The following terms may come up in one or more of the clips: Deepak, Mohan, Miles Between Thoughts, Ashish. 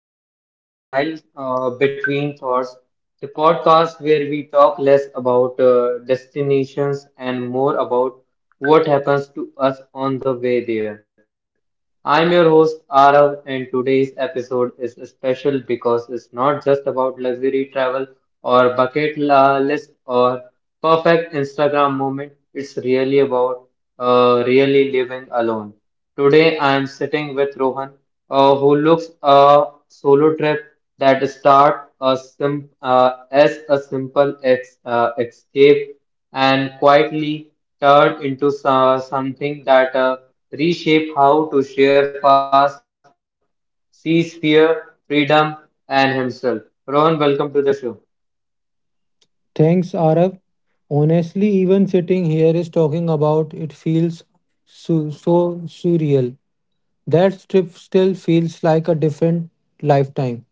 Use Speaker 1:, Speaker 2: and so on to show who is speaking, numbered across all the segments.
Speaker 1: Welcome back to Miles Between Thoughts, the podcast where we talk less about destinations and more about what happens to us on the way there. I'm your host Arav, and today's episode is special because it's not just about luxury travel or list or perfect Instagram moment. It's really about really living alone. Today, I am sitting with Rohan, who looks a solo trip that start a sim as a simple ex escape and quietly turn into something that reshape how to share fast, sees fear, freedom, and himself. Rohan, welcome to the show.
Speaker 2: Thanks, Arav. Honestly, even sitting here is talking about it feels so surreal. That trip still feels like a different lifetime.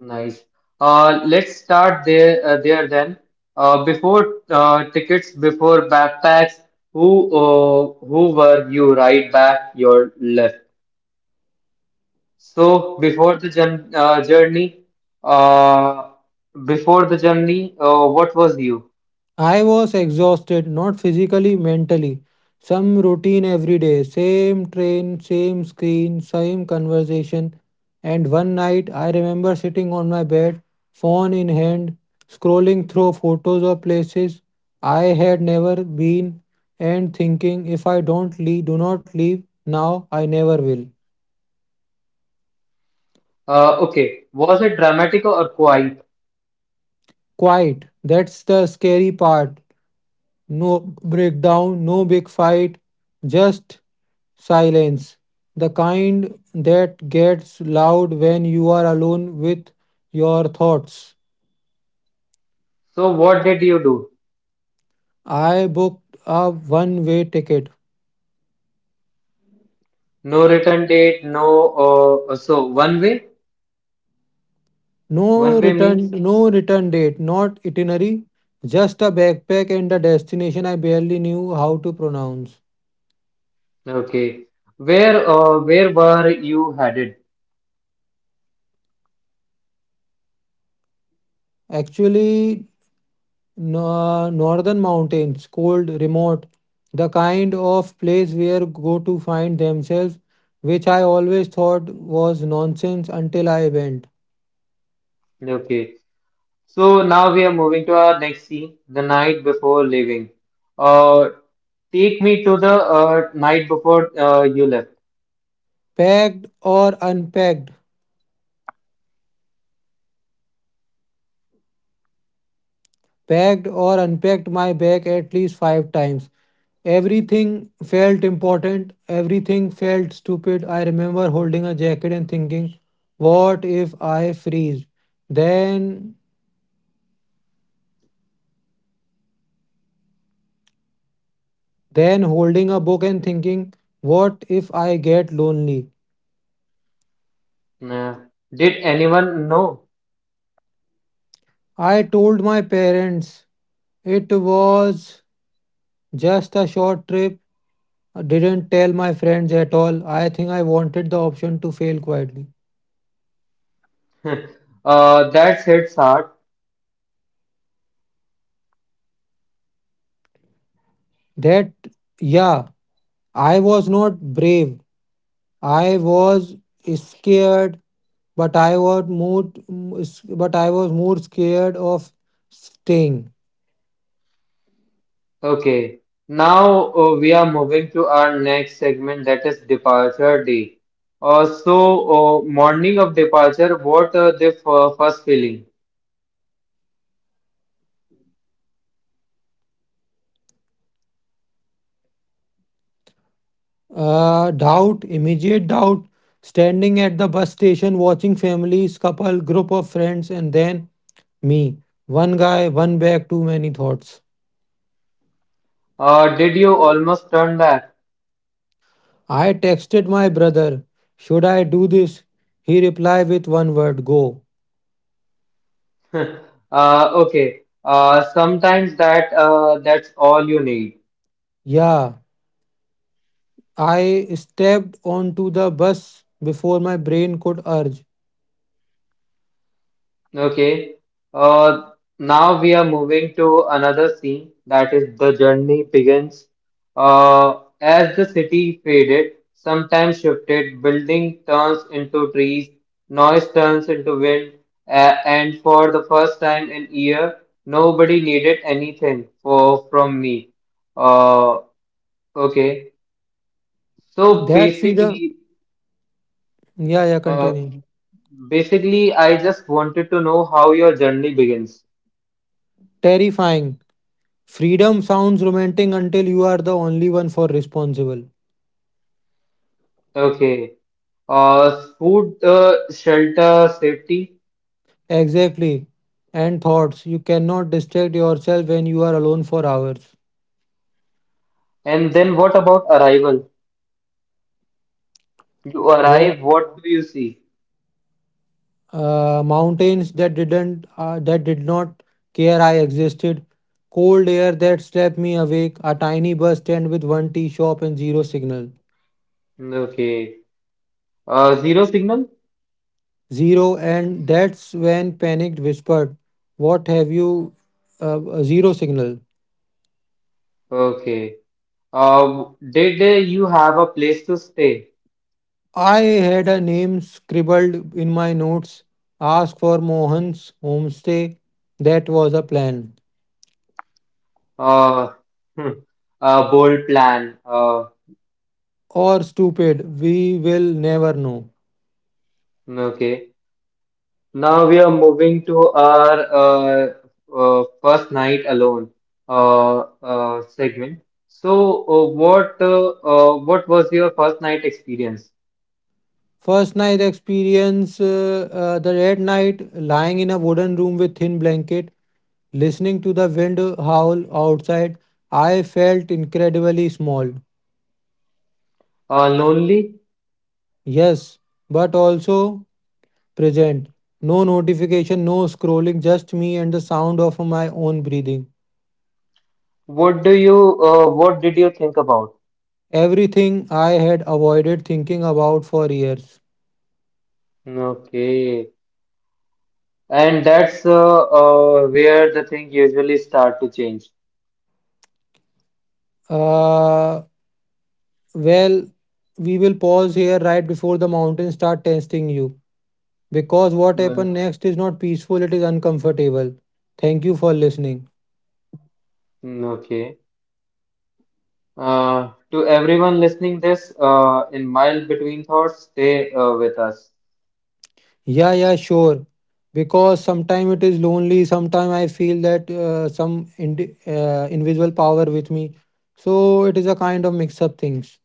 Speaker 1: Nice. Let's start there then. Before tickets, before backpacks, who were you? Right back, your left. So before the journey, uh, before the journey, what was you?
Speaker 2: I was exhausted, not physically, mentally. Some routine every day, same train, same screen, same conversation. And one night, I remember sitting on my bed, phone in hand, scrolling through photos of places I had never been and thinking if I don't leave, do not leave now, I never will.
Speaker 1: Okay, was it dramatic or quiet?
Speaker 2: Quiet. That's the scary part. No breakdown, no big fight, just silence. The kind that gets loud when you are alone with your thoughts.
Speaker 1: So what did you do?
Speaker 2: I booked a one-way ticket.
Speaker 1: No return date, no. So one
Speaker 2: No
Speaker 1: way means
Speaker 2: return, no return date, not itinerary, just a backpack and a destination I barely knew how to pronounce.
Speaker 1: okay. Where were you headed?
Speaker 2: Actually, northern mountains, cold, remote, the kind of place where go to find themselves, which I always thought was nonsense until I went.
Speaker 1: Okay, so now we are moving to our next scene, the night before leaving. Uh, take me to the night before you left.
Speaker 2: Packed or unpacked, packed or unpacked my bag at least five times. Everything felt important, everything felt stupid. I remember holding a jacket and thinking, what if I freeze? Then Then holding a book and thinking, what if I get lonely?
Speaker 1: Uh, did anyone know?
Speaker 2: I told my parents it was just a short trip. I didn't tell my friends at all. I think I wanted the option to fail quietly.
Speaker 1: That's hits hard.
Speaker 2: That, yeah, I was not brave. I was scared, but I was more, but I was more scared of staying.
Speaker 1: Okay, now we are moving to our next segment that is departure day. So, morning of departure, what, the first feeling?
Speaker 2: Doubt, immediate doubt, standing at the bus station watching families, couple, group of friends, and then me. One guy, one bag, too many thoughts.
Speaker 1: Did you almost turn back?
Speaker 2: I texted my brother, should I do this? He replied with one word, go.
Speaker 1: Okay. sometimes that, that's all you need.
Speaker 2: Yeah, I stepped onto the bus before my brain could urge.
Speaker 1: Okay. Uh, now we are moving to another scene that is the journey begins. As the city faded, sometimes shifted, building turns into trees, noise turns into wind, and for the first time in year, nobody needed anything for from me. Uh, okay. So
Speaker 2: That freedom.
Speaker 1: basically.
Speaker 2: Yeah, yeah,
Speaker 1: Uh,
Speaker 2: continue.
Speaker 1: Basically, I just wanted to know how your journey begins.
Speaker 2: Terrifying. Freedom sounds romantic until you are the only one for responsible.
Speaker 1: Okay. Food, shelter, safety,
Speaker 2: Exactly. And thoughts. You cannot distract yourself when you are alone for hours.
Speaker 1: and then what about arrival? You
Speaker 2: Wo-
Speaker 1: arrive, what do you see?
Speaker 2: mountains that didn't that did not care I existed. Cold air that slept me awake. A tiny bus stand with one tea shop and zero signal.
Speaker 1: Okay. Zero signal?
Speaker 2: Zero, and that's when panicked whispered, "What have you?" Zero signal.
Speaker 1: Okay. Uh, did you have a place to stay?
Speaker 2: I had a name scribbled in my notes. Ask for Mohan's homestay. That was a plan.
Speaker 1: Uh, hmm, a bold plan.
Speaker 2: Or stupid, we will never know.
Speaker 1: Okay. Now we are moving to our first night alone segment. So, what was your first night experience?
Speaker 2: First night experience the red night, lying in a wooden room with thin blanket, listening to the wind howl outside, I felt incredibly small.
Speaker 1: Lonely?
Speaker 2: Yes, but also present. No notification, no scrolling, just me and the sound of my own breathing.
Speaker 1: What did you think about?
Speaker 2: Everything I had avoided thinking about for years.
Speaker 1: Okay, and that's where the thing usually start to change.
Speaker 2: Uh, Well, we will pause here right before the mountains start testing you because what happened
Speaker 1: Mm,
Speaker 2: next is not peaceful, it is uncomfortable. Thank you for listening.
Speaker 1: Okay. To everyone listening this, in mild between thoughts, stay with us.
Speaker 2: Yeah, yeah, sure. Because sometimes it is lonely, sometimes I feel that some invisible power with me. So it is a kind of mix up things.